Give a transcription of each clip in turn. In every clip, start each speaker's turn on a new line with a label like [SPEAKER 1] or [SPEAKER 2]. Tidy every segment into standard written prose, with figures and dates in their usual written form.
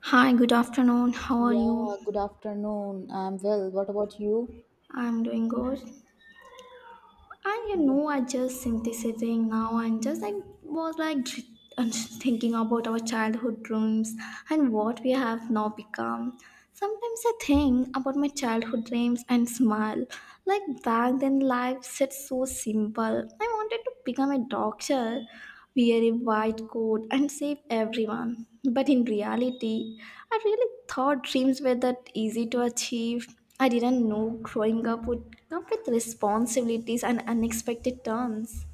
[SPEAKER 1] Hi, good afternoon. How are
[SPEAKER 2] Yeah,
[SPEAKER 1] you?
[SPEAKER 2] good afternoon. I'm well. What about you?
[SPEAKER 1] I'm doing good. And you
[SPEAKER 2] Yeah.
[SPEAKER 1] know, I just synthesizing now and just like was like and thinking about our childhood dreams and what we have now become. Sometimes I think about my childhood dreams and smile. Like back then, life seemed so simple. I wanted to become a doctor, wear a white coat and save everyone. But in reality, I really thought dreams were that easy to achieve. I didn't know growing up would come with responsibilities and unexpected turns.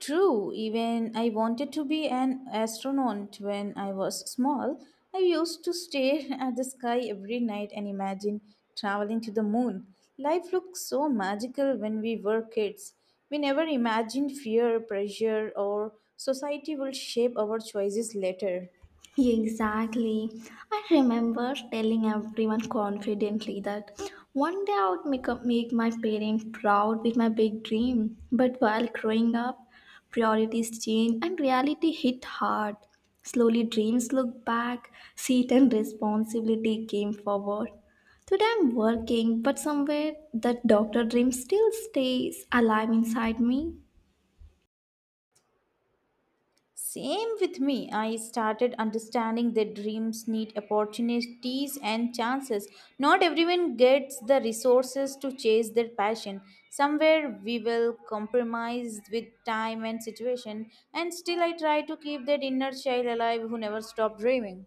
[SPEAKER 2] True, even I wanted to be an astronaut when I was small. I used to stare at the sky every night and imagine traveling to the moon. Life looked so magical when we were kids. We never imagined fear, pressure, or society will shape our choices later.
[SPEAKER 1] Exactly. I remember telling everyone confidently that one day I would make my parents proud with my big dream. But while growing up, priorities change and reality hit hard. Slowly, dreams look back, seat and responsibility came forward. Today, I'm working, but somewhere that doctor dream still stays alive inside me.
[SPEAKER 2] Same with me. I started understanding that dreams need opportunities and chances. Not everyone gets the resources to chase their passion. Somewhere we will compromise with time and situation, and still I try to keep that inner child alive who never stopped dreaming.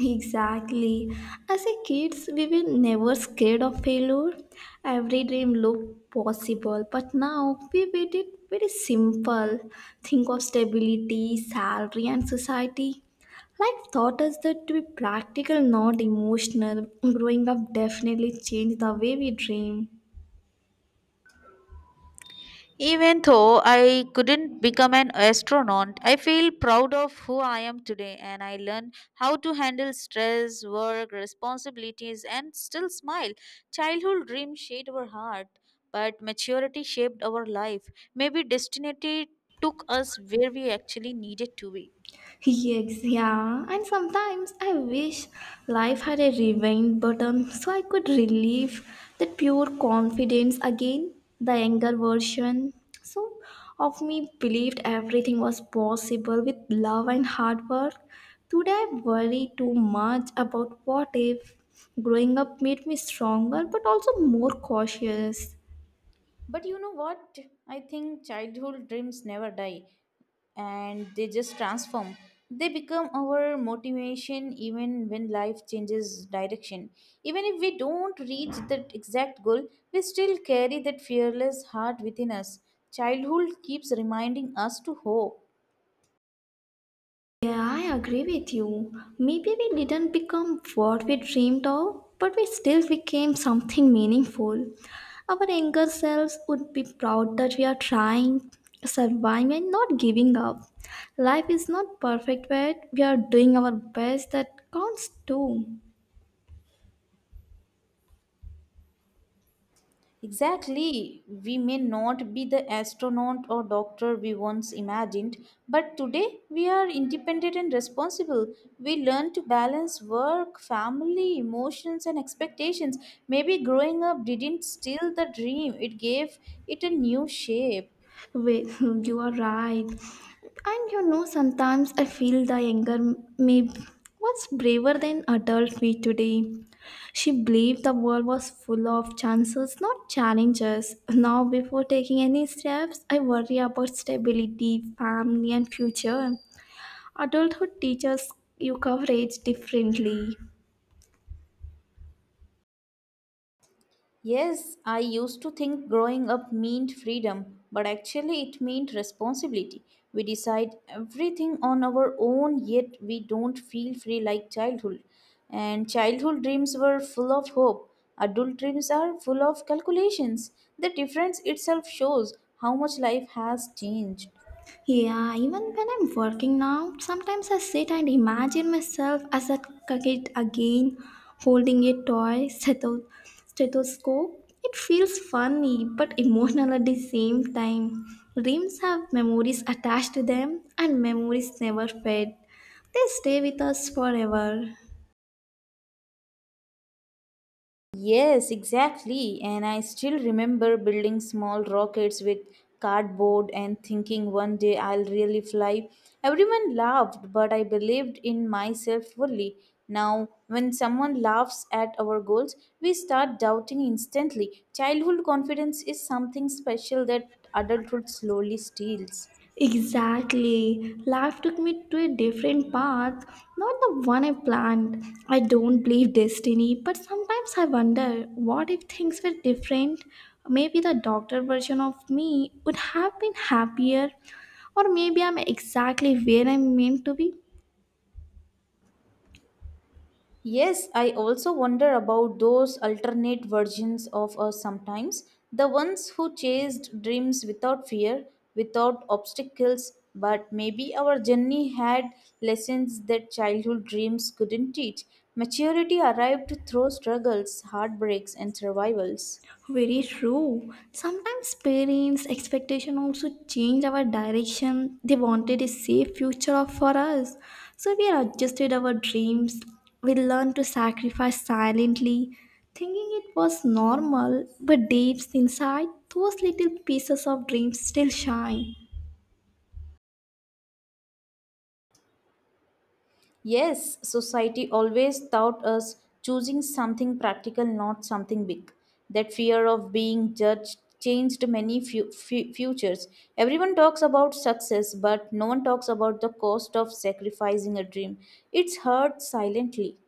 [SPEAKER 1] Exactly. As a kids, we were never scared of failure. Every dream looked possible, but now we made it very simple. Think of stability, salary, and society. Life taught us that to be practical, not emotional. Growing up definitely changed the way we dream.
[SPEAKER 2] Even though I couldn't become an astronaut, I feel proud of who I am today and I learned how to handle stress, work, responsibilities, and still smile. Childhood dreams shaped our heart, but maturity shaped our life. Maybe destiny took us where we actually needed to be.
[SPEAKER 1] Yes, yeah. And sometimes I wish life had a rewind button so I could relive that pure confidence again. The younger version so of me believed everything was possible with love and hard work. Today I worry too much about what if. Growing up made me stronger but also more cautious.
[SPEAKER 2] But you know what? I think childhood dreams never die and they just transform. They become our motivation even when life changes direction. Even if we don't reach that exact goal, we still carry that fearless heart within us. Childhood keeps reminding us to hope.
[SPEAKER 1] Yeah, I agree with you. Maybe we didn't become what we dreamed of, but we still became something meaningful. Our younger selves would be proud that we are trying, surviving, and not giving up. Life is not perfect, but we are doing our best that counts too.
[SPEAKER 2] Exactly. We may not be the astronaut or doctor we once imagined, but today we are independent and responsible. We learn to balance work, family, emotions, and expectations. Maybe growing up didn't steal the dream, it gave it a new shape.
[SPEAKER 1] Wait, you are right. And you know, sometimes I feel the younger me was braver than adult me today. She believed the world was full of chances, not challenges. Now, before taking any steps, I worry about stability, family, and future. Adulthood teaches you coverage differently.
[SPEAKER 2] Yes, I used to think growing up meant freedom, but actually it meant responsibility. We decide everything on our own, yet we don't feel free like childhood. And childhood dreams were full of hope. Adult dreams are full of calculations. The difference itself shows how much life has changed.
[SPEAKER 1] Yeah, even when I'm working now, sometimes I sit and imagine myself as a kid again, holding a toy stethoscope. It feels funny but emotional at the same time. Dreams have memories attached to them, and memories never fade. They stay with us forever.
[SPEAKER 2] Yes, exactly. And I still remember building small rockets with cardboard and thinking one day I'll really fly. Everyone laughed, but I believed in myself fully. Now, when someone laughs at our goals, we start doubting instantly. Childhood confidence is something special that adulthood slowly steals.
[SPEAKER 1] Exactly. Life took me to a different path, not the one I planned. I don't believe destiny, but sometimes I wonder what if things were different? Maybe the doctor version of me would have been happier, or maybe I'm exactly where I'm meant to be.
[SPEAKER 2] Yes, I also wonder about those alternate versions of us sometimes. The ones who chased dreams without fear, without obstacles, but maybe our journey had lessons that childhood dreams couldn't teach. Maturity arrived through struggles, heartbreaks, and survivals.
[SPEAKER 1] Very true. Sometimes parents' expectation also change our direction. They wanted a safe future for us. So we adjusted our dreams. We learned to sacrifice silently, thinking it was normal, but deep inside, those little pieces of dreams still shine.
[SPEAKER 2] Yes, society always taught us choosing something practical, not something big. That fear of being judged changed many futures. Everyone talks about success, but no one talks about the cost of sacrificing a dream. It's hurt silently.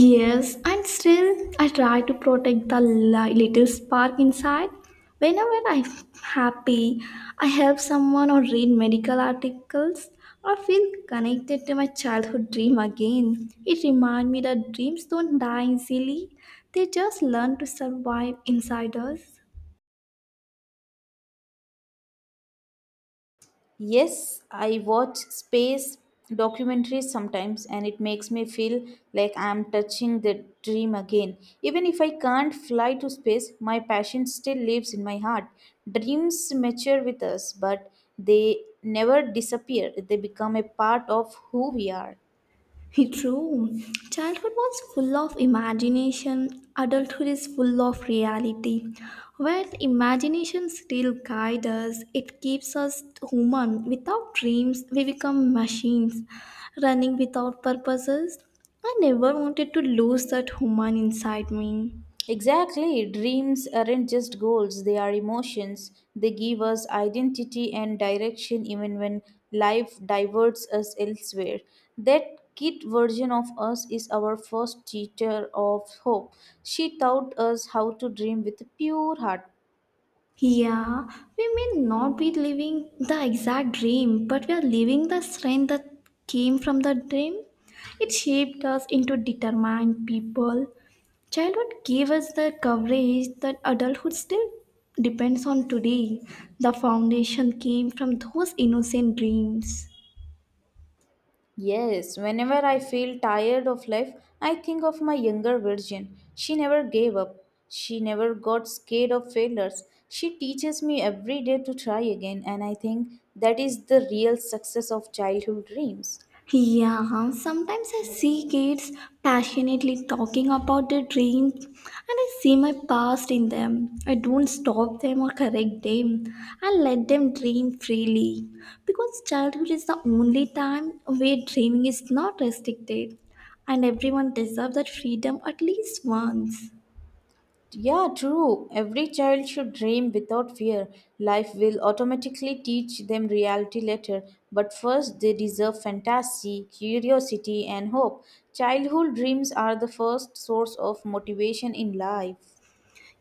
[SPEAKER 1] Yes, and still I try to protect the little spark inside. Whenever I'm happy, I help someone or read medical articles or feel connected to my childhood dream again. It reminds me that dreams don't die easily, they just learn to survive inside us.
[SPEAKER 2] Yes, I watch space documentaries sometimes and it makes me feel like I'm touching the dream again. Even if I can't fly to space, my passion still lives in my heart. Dreams mature with us, but they never disappear. They become a part of who we are.
[SPEAKER 1] True. Childhood was full of imagination, adulthood is full of reality. Where imagination still guides us, it keeps us human. Without dreams, we become machines running without purposes. I never wanted to lose that human inside me.
[SPEAKER 2] Exactly. Dreams aren't just goals, they are emotions. They give us identity and direction even when life diverts us elsewhere. That kid version of us is our first teacher of hope. She taught us how to dream with a pure heart.
[SPEAKER 1] Yeah, we may not be living the exact dream, but we are living the strength that came from the dream. It shaped us into determined people. Childhood gave us the coverage that adulthood still depends on today. The foundation came from those innocent dreams.
[SPEAKER 2] Yes, whenever I feel tired of life, I think of my younger virgin. She never gave up. She never got scared of failures. She teaches me every day to try again, and I think that is the real success of childhood dreams.
[SPEAKER 1] Yeah, sometimes I see kids passionately talking about their dreams and I see my past in them. I don't stop them or correct them. I let them dream freely because childhood is the only time where dreaming is not restricted and everyone deserves that freedom at least once.
[SPEAKER 2] Yeah, true. Every child should dream without fear. Life will automatically teach them reality later, but first they deserve fantasy, curiosity, and hope. Childhood dreams are the first source of motivation in life.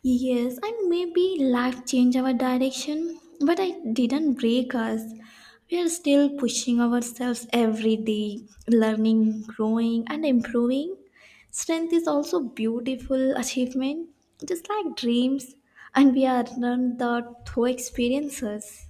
[SPEAKER 1] Yes, and maybe life changed our direction, but I didn't break us. We are still pushing ourselves every day, learning, growing, and improving. Strength is also beautiful achievement, just like dreams, and we are learned that through experiences.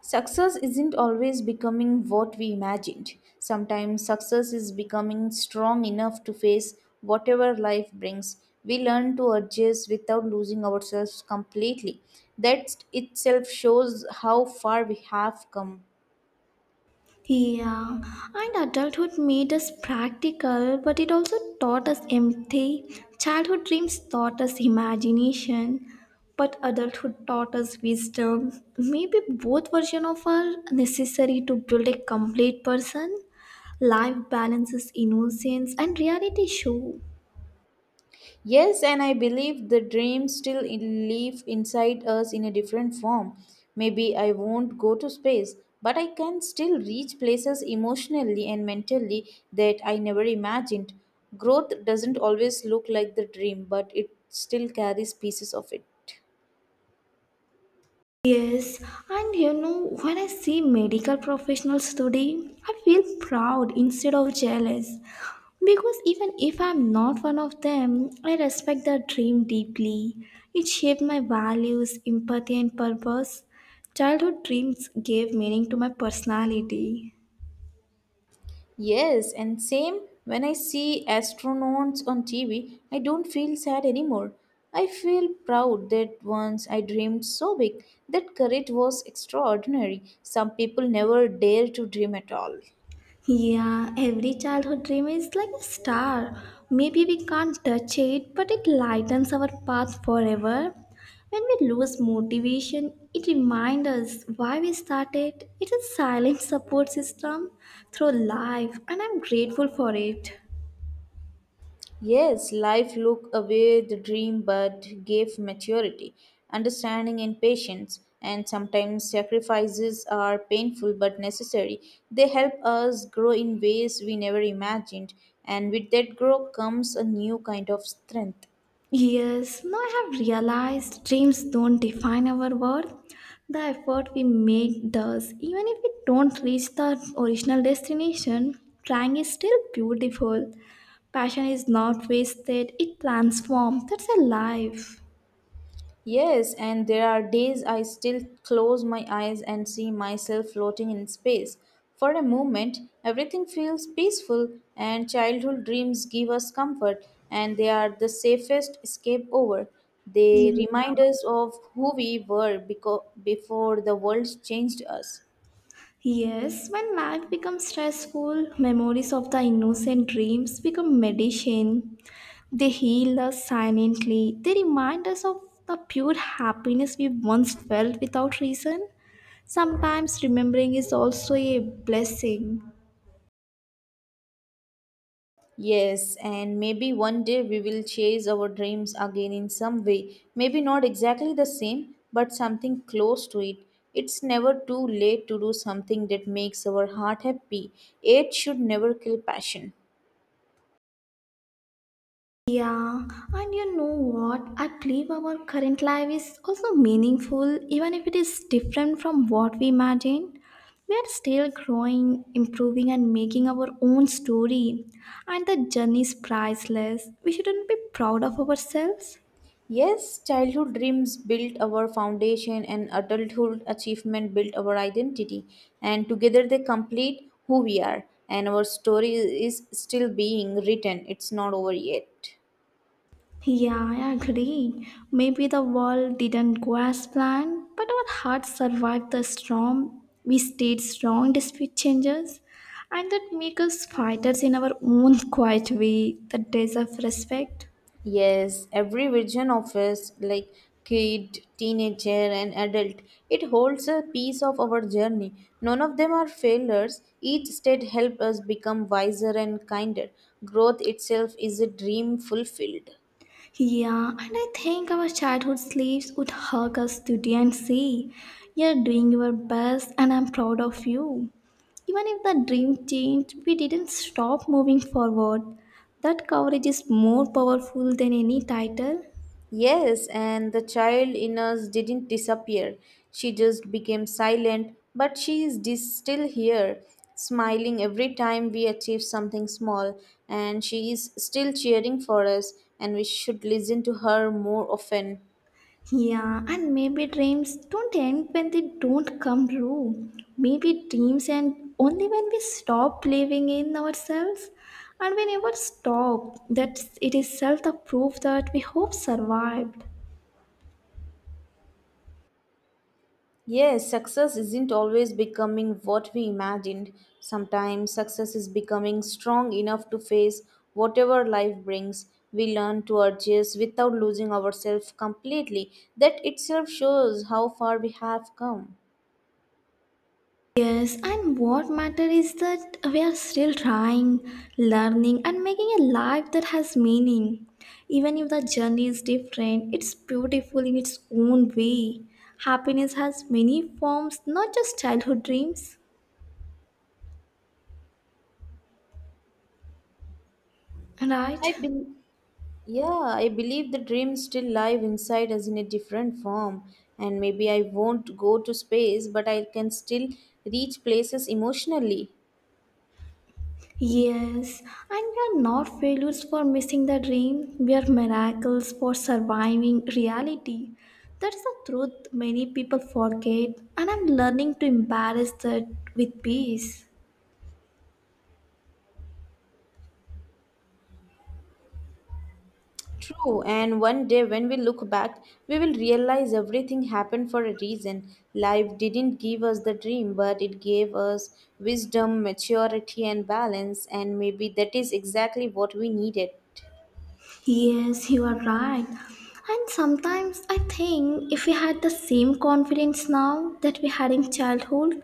[SPEAKER 2] Success isn't always becoming what we imagined. Sometimes success is becoming strong enough to face whatever life brings. We learn to adjust without losing ourselves completely. That itself shows how far we have come.
[SPEAKER 1] Yeah, and adulthood made us practical, but it also taught us empathy. Childhood dreams taught us imagination, but adulthood taught us wisdom. Maybe both versions of are necessary to build a complete person. Life balances innocence and reality show.
[SPEAKER 2] Yes, and I believe the dreams still live inside us in a different form. Maybe I won't go to space, but I can still reach places emotionally and mentally that I never imagined. Growth doesn't always look like the dream, but it still carries pieces of it.
[SPEAKER 1] Yes, and you know, when I see medical professionals today, I feel proud instead of jealous. Because even if I'm not one of them, I respect their dream deeply. It shaped my values, empathy, and purpose. Childhood dreams gave meaning to my personality.
[SPEAKER 2] Yes, and same when I see astronauts on TV, I don't feel sad anymore. I feel proud that once I dreamed so big. That courage was extraordinary. Some people never dare to dream at all.
[SPEAKER 1] Yeah, every childhood dream is like a star. Maybe we can't touch it, but it lightens our path forever. When we lose motivation, it reminds us why we started. It's a silent support system through life, and I'm grateful for it.
[SPEAKER 2] Yes, life looked away the dream but gave maturity, understanding, and patience. And sometimes sacrifices are painful but necessary. They help us grow in ways we never imagined, and with that growth comes a new kind of strength.
[SPEAKER 1] Yes, now I have realized dreams don't define our worth. The effort we make does. Even if we don't reach the original destination, trying is still beautiful. Passion is not wasted, it transforms. That's a life.
[SPEAKER 2] Yes, and there are days I still close my eyes and see myself floating in space. For a moment, everything feels peaceful, and childhood dreams give us comfort, and they are the safest escape over. They
[SPEAKER 1] Yeah.
[SPEAKER 2] remind us of who we were before the world changed us.
[SPEAKER 1] Yes, when life becomes stressful, memories of the innocent dreams become medicine. They heal us silently. They remind us of the pure happiness we once felt without reason. Sometimes remembering is also a blessing.
[SPEAKER 2] Yes, and maybe one day we will chase our dreams again in some way. Maybe not exactly the same, but something close to it. It's never too late to do something that makes our heart happy. Age should never kill passion.
[SPEAKER 1] Yeah, and you know what? I believe our current life is also meaningful, even if it is different from what we imagined. We are still growing, improving, and making our own story, and the journey is priceless. We shouldn't be proud of ourselves.
[SPEAKER 2] Yes, childhood dreams built our foundation and adulthood achievement built our identity, and together they complete who we are. And our story is still being written, it's not over yet.
[SPEAKER 1] Yeah, I agree. Maybe the world didn't go as planned, but our hearts survived the storm. We stayed strong despite changes, and that makes us fighters in our own quiet way that deserve respect.
[SPEAKER 2] Yes, every version of us, like kid, teenager, and adult, it holds a piece of our journey. None of them are failures. Each state helps us become wiser and kinder. Growth itself is a dream fulfilled.
[SPEAKER 1] Yeah, and I think our childhood slaves would hug us today and say, "You're doing your best and I'm proud of you." Even if the dream changed, we didn't stop moving forward. That courage is more powerful than any title.
[SPEAKER 2] Yes, and the child in us didn't disappear. She just became silent, but she is still here, smiling every time we achieve something small, and she is still cheering for us, and we should listen to her more often.
[SPEAKER 1] Yeah, and maybe dreams don't end when they don't come true. Maybe dreams end only when we stop believing in ourselves. And we never stop. That it is self the proof that we hope survived.
[SPEAKER 2] Yes, success isn't always becoming what we imagined. Sometimes success is becoming strong enough to face whatever life brings. We learn to adjust without losing ourselves completely. That itself shows how far we have come.
[SPEAKER 1] Yes, and what matter is that we are still trying, learning, and making a life that has meaning. Even if the journey is different, it's beautiful in its own way. Happiness has many forms, not just childhood dreams, right?
[SPEAKER 2] I believe. Yeah, I believe the dreams still live inside us in a different form. And maybe I won't go to space, but I can still reach places emotionally.
[SPEAKER 1] Yes, and we are not failures for missing the dream. We are miracles for surviving reality. That's the truth many people forget, and I'm learning to embrace that with peace.
[SPEAKER 2] True, and one day when we look back, we will realize everything happened for a reason. Life didn't give us the dream, but it gave us wisdom, maturity, and balance, and maybe that is exactly what we needed.
[SPEAKER 1] Yes, you are right. And sometimes I think if we had the same confidence now that we had in childhood,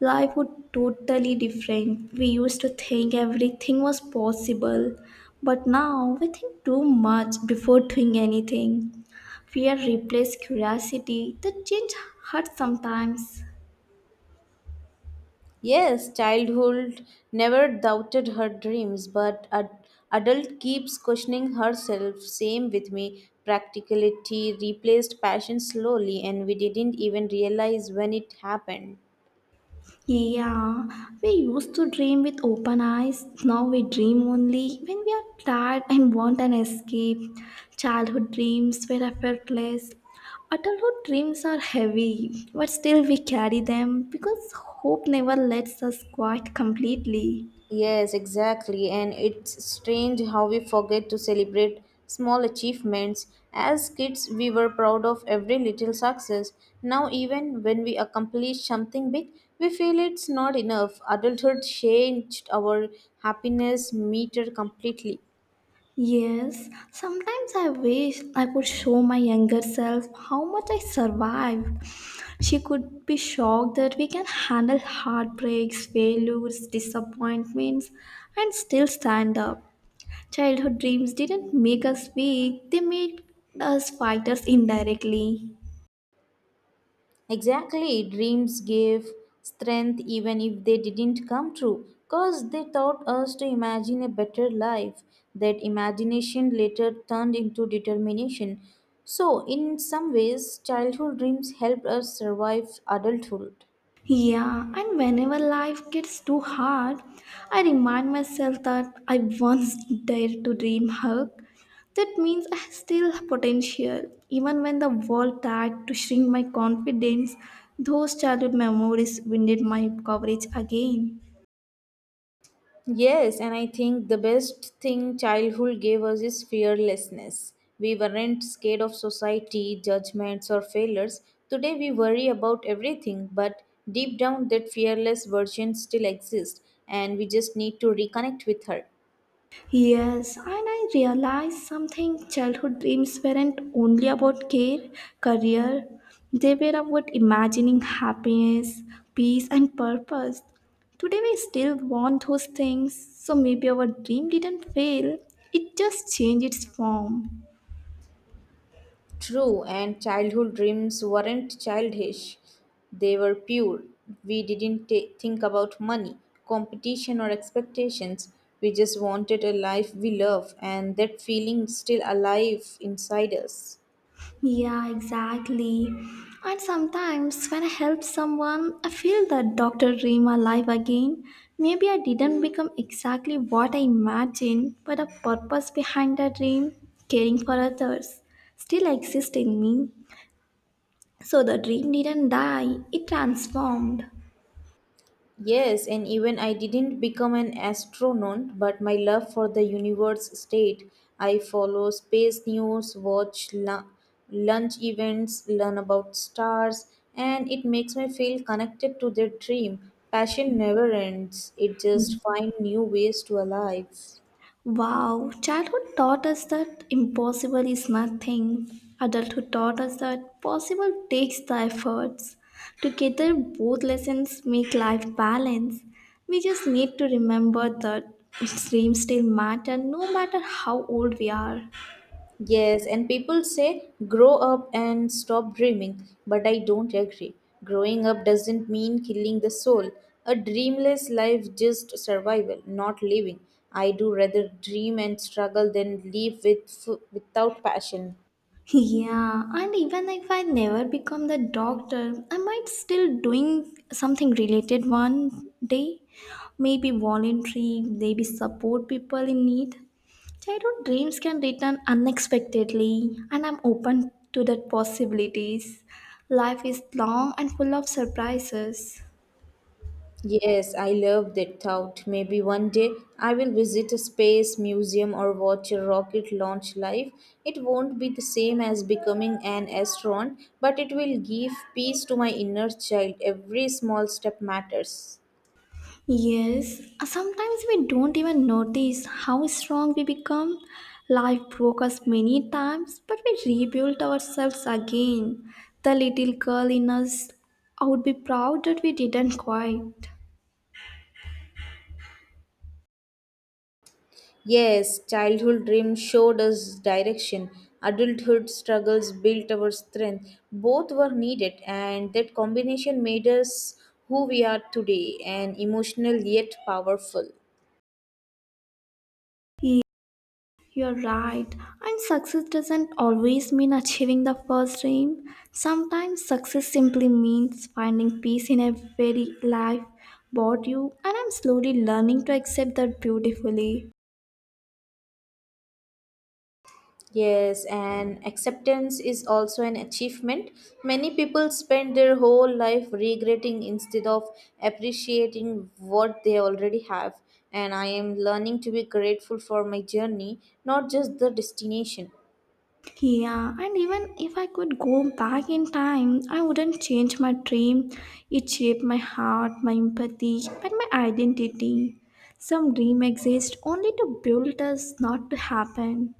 [SPEAKER 1] life would totally different. We used to think everything was possible, but now we think too much before doing anything. Fear replaced curiosity. The change hurts sometimes.
[SPEAKER 2] Yes, childhood never doubted her dreams, but adult keeps questioning herself. Same with me. Practicality replaced passion slowly, and we didn't even realize when it happened.
[SPEAKER 1] Yeah, we used to dream with open eyes. Now we dream only when we are tired and want an escape. Childhood dreams were effortless. Adulthood dreams are heavy, but still we carry them because hope never lets us quiet completely.
[SPEAKER 2] Yes, exactly. And it's strange how we forget to celebrate small achievements. As kids, we were proud of every little success. Now, even when we accomplish something big, we feel it's not enough. Adulthood changed our happiness meter completely.
[SPEAKER 1] Yes, sometimes I wish I could show my younger self how much I survived. She could be shocked that we can handle heartbreaks, failures, disappointments, and still stand up. Childhood dreams didn't make us weak, they made us fighters indirectly.
[SPEAKER 2] Exactly, dreams gave strength even if they didn't come true, because they taught us to imagine a better life. That imagination later turned into determination. So, in some ways, childhood dreams helped us survive adulthood.
[SPEAKER 1] Yeah, and whenever life gets too hard, I remind myself that I once dared to dream hug. That means I still have potential. Even when the world tried to shrink my confidence, those childhood memories winded my coverage again.
[SPEAKER 2] Yes, and I think the best thing childhood gave us is fearlessness. We weren't scared of society, judgments, or failures. Today we worry about everything, but deep down, that fearless version still exists, and we just need to reconnect with her.
[SPEAKER 1] Yes, and I realized something childhood dreams weren't only about care, career, they were about imagining happiness, peace, and purpose. Today, we still want those things, so maybe our dream didn't fail, it just changed its form.
[SPEAKER 2] True, and childhood dreams weren't childish, they were pure. We didn't ta think about money, competition, or expectations. We just wanted a life we love, and that feeling is still alive inside us.
[SPEAKER 1] Yeah, exactly. And sometimes when I help someone, I feel that Dr. dream alive again. Maybe I didn't become exactly what I imagined, but the purpose behind the dream, caring for others, still exists in me. So the dream didn't die, it transformed.
[SPEAKER 2] Yes, and even I didn't become an astronaut, but my love for the universe stayed. I follow space news, watch lunch events, learn about stars, and it makes me feel connected to their dream. Passion never ends, it just finds new ways to alive.
[SPEAKER 1] Wow, childhood taught us that impossible is nothing. Adulthood taught us that possible takes the efforts. Together, both lessons make life balance. We just need to remember that dreams still matter no matter how old we are.
[SPEAKER 2] Yes, and people say grow up and stop dreaming, but I don't agree. Growing up doesn't mean killing the soul. A dreamless life just survival, not living. I do rather dream and struggle than live with without passion.
[SPEAKER 1] Yeah, and even if I never become the doctor, I might still doing something related one day. Maybe voluntary, maybe support people in need. Childhood dreams can return unexpectedly, and I'm open to that possibilities. Life is long and full of surprises.
[SPEAKER 2] Yes, I love that thought. Maybe one day I will visit a space museum or watch a rocket launch live. It won't be the same as becoming an astronaut, but it will give peace to my inner child. Every small step matters.
[SPEAKER 1] Yes, sometimes we don't even notice how strong we become. Life broke us many times, but we rebuilt ourselves again. The little girl in us I would be proud that we didn't quit.
[SPEAKER 2] Yes, childhood dreams showed us direction. Adulthood struggles built our strength. Both were needed, and that combination made us who we are today and emotional yet powerful.
[SPEAKER 1] You're right. And success doesn't always mean achieving the first dream. Sometimes success simply means finding peace in a very life about you. And I'm slowly learning to accept that beautifully.
[SPEAKER 2] Yes, and acceptance is also an achievement. Many people spend their whole life regretting instead of appreciating what they already have. And I am learning to be grateful for my journey, not just the destination.
[SPEAKER 1] Yeah, and even if I could go back in time, I wouldn't change my dream. It shaped my heart, my empathy, and my identity. Some dream exist only to build us, not to happen.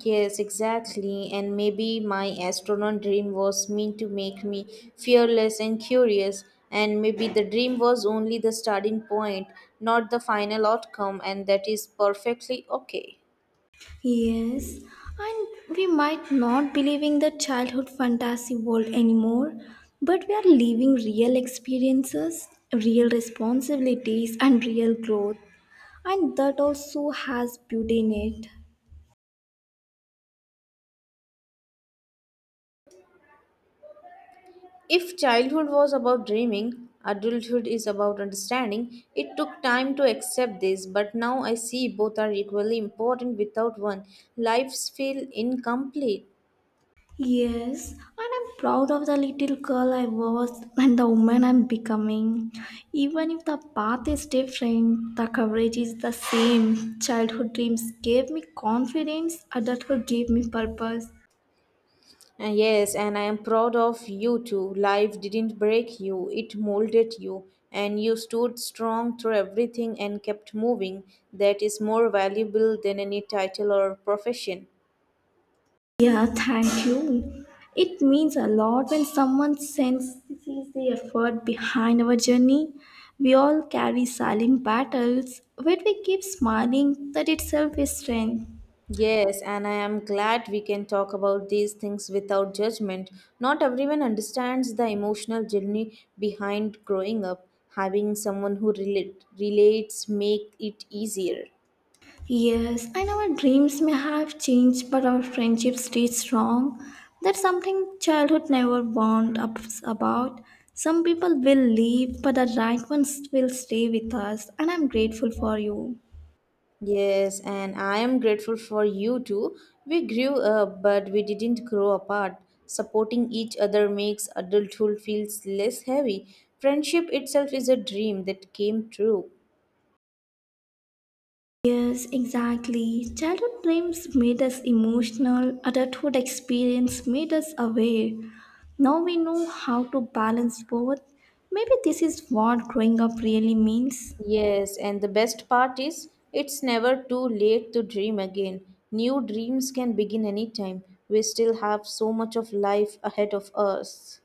[SPEAKER 2] Yes, exactly. And maybe my astronaut dream was meant to make me fearless and curious. And maybe the dream was only the starting point, not the final outcome, and that is perfectly okay.
[SPEAKER 1] Yes, and we might not believe in the childhood fantasy world anymore, but we are living real experiences, real responsibilities, and real growth, and that also has beauty in it.
[SPEAKER 2] If childhood was about dreaming, adulthood is about understanding. It took time to accept this, but now I see both are equally important without one. Lives feel incomplete.
[SPEAKER 1] Yes, and I'm proud of the little girl I was and the woman I'm becoming. Even if the path is different, the coverage is the same. Childhood dreams gave me confidence, adulthood gave me purpose.
[SPEAKER 2] Yes, and I am proud of you too. Life didn't break you, it molded you, and you stood strong through everything and kept moving. That is more valuable than any title or profession.
[SPEAKER 1] Yeah, thank you. It means a lot when someone senses the effort behind our journey. We all carry silent battles. When we keep smiling, that itself is strength.
[SPEAKER 2] Yes, and I am glad we can talk about these things without judgment. Not everyone understands the emotional journey behind growing up. Having someone who relates make it easier.
[SPEAKER 1] Yes, and our dreams may have changed, but our friendship stays strong. That's something childhood never warned us about. Some people will leave, but the right ones will stay with us, and I'm grateful for you.
[SPEAKER 2] Yes, and I am grateful for you too. We grew up, but we didn't grow apart. Supporting each other makes adulthood feels less heavy. Friendship itself is a dream that came true.
[SPEAKER 1] Yes, exactly. Childhood dreams made us emotional, adulthood experience made us aware. Now we know how to balance both. Maybe this is what growing up really means.
[SPEAKER 2] Yes, and the best part is it's never too late to dream again. New dreams can begin anytime. We still have so much of life ahead of us.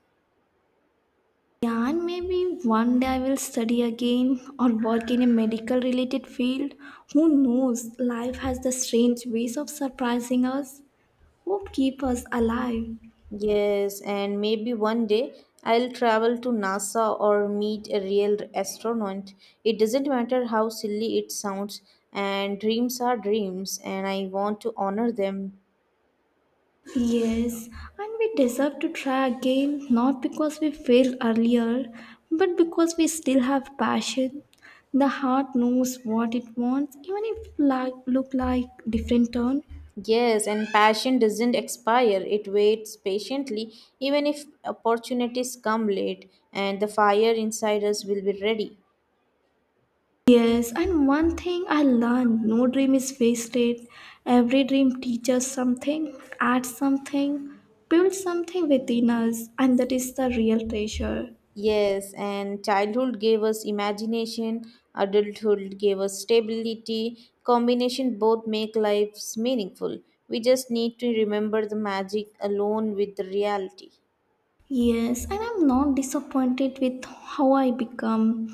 [SPEAKER 1] Yeah, and maybe one day I will study again or work in a medical related field. Who knows? Life has the strange ways of surprising us. Who keep us alive?
[SPEAKER 2] Yes, and maybe one day I'll travel to NASA or meet a real astronaut. It doesn't matter how silly it sounds, and dreams are dreams, and I want to honor them.
[SPEAKER 1] Yes, and we deserve to try again not because we failed earlier, but because we still have passion. The heart knows what it wants, even if like look like different turn.
[SPEAKER 2] Yes, and passion doesn't expire. It waits patiently, even if opportunities come late, and the fire inside us will be ready.
[SPEAKER 1] Yes, and one thing I learned: no dream is wasted. Every dream teaches something, adds something, builds something within us, and that is the real treasure.
[SPEAKER 2] Yes, and childhood gave us imagination, adulthood gave us stability. Combination both make lives meaningful. We just need to remember the magic alone with the reality.
[SPEAKER 1] Yes, and I'm not disappointed with how I become.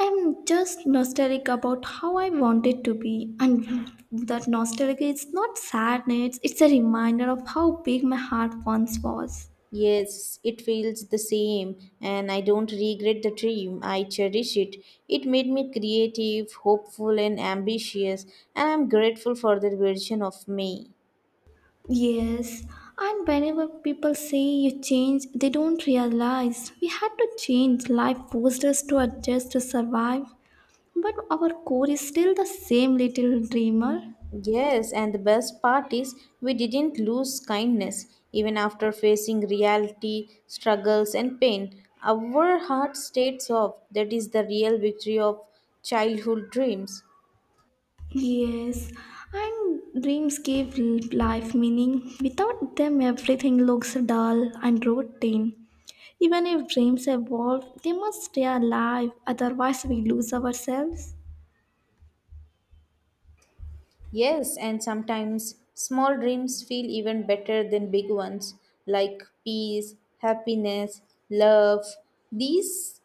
[SPEAKER 1] I'm just nostalgic about how I wanted to be, and that nostalgia is not sadness, it's a reminder of how big my heart once was.
[SPEAKER 2] Yes, it feels the same, and I don't regret the dream. I cherish it. It made me creative, hopeful, and ambitious, and I'm grateful for that version of me.
[SPEAKER 1] Yes, and whenever people say you change, they don't realize we had to change. Life forced us to adjust to survive, but our core is still the same little dreamer.
[SPEAKER 2] Yes, and the best part is we didn't lose kindness. Even after facing reality, struggles, and pain, our heart stayed soft. That is the real victory of childhood dreams.
[SPEAKER 1] Yes, and dreams give life meaning. Without them, everything looks dull and routine. Even if dreams evolve, they must stay alive, otherwise, we lose ourselves.
[SPEAKER 2] Yes, and sometimes small dreams feel even better than big ones, like peace, happiness, love. These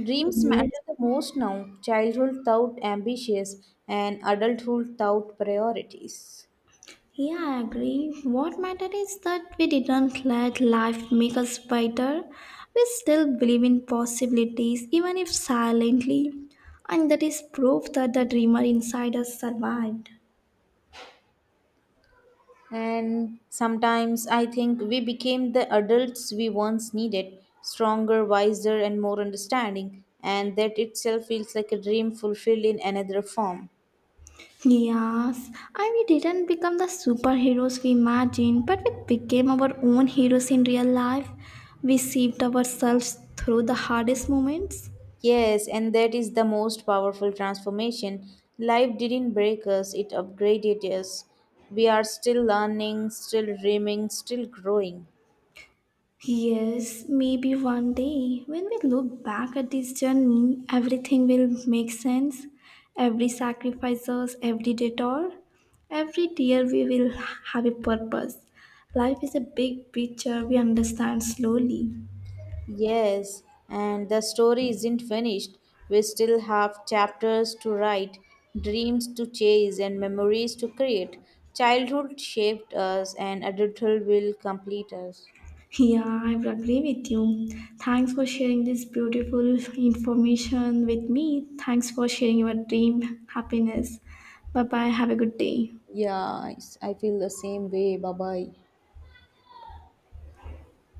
[SPEAKER 2] dreams matter
[SPEAKER 1] Yes.
[SPEAKER 2] the most now. Childhood thought ambitious and adulthood thought priorities.
[SPEAKER 1] Yeah, I agree. What mattered is that we didn't let life make us bitter. We still believe in possibilities, even if silently. And that is proof that the dreamer inside us survived.
[SPEAKER 2] And sometimes I think we became the adults we once needed, stronger, wiser, and more understanding, and that itself feels like a dream fulfilled in another form.
[SPEAKER 1] Yes, and we didn't become the superheroes we imagined, but we became our own heroes in real life. We saved ourselves through the hardest moments.
[SPEAKER 2] Yes, and that is the most powerful transformation. Life didn't break us, it upgraded us. We are still learning, still dreaming, still growing.
[SPEAKER 1] Yes, maybe one day when we look back at this journey, everything will make sense. Every sacrifices, every detour, every tear we will have a purpose. Life is a big picture we understand slowly.
[SPEAKER 2] Yes, and the story isn't finished. We still have chapters to write, dreams to chase, and memories to create. Childhood shaped us, and adulthood will complete us.
[SPEAKER 1] Yeah, I would agree with you. Thanks for sharing this beautiful information with me. Thanks for sharing your dream happiness. Bye bye. Have a good day.
[SPEAKER 2] Yeah, I feel the same way. Bye bye.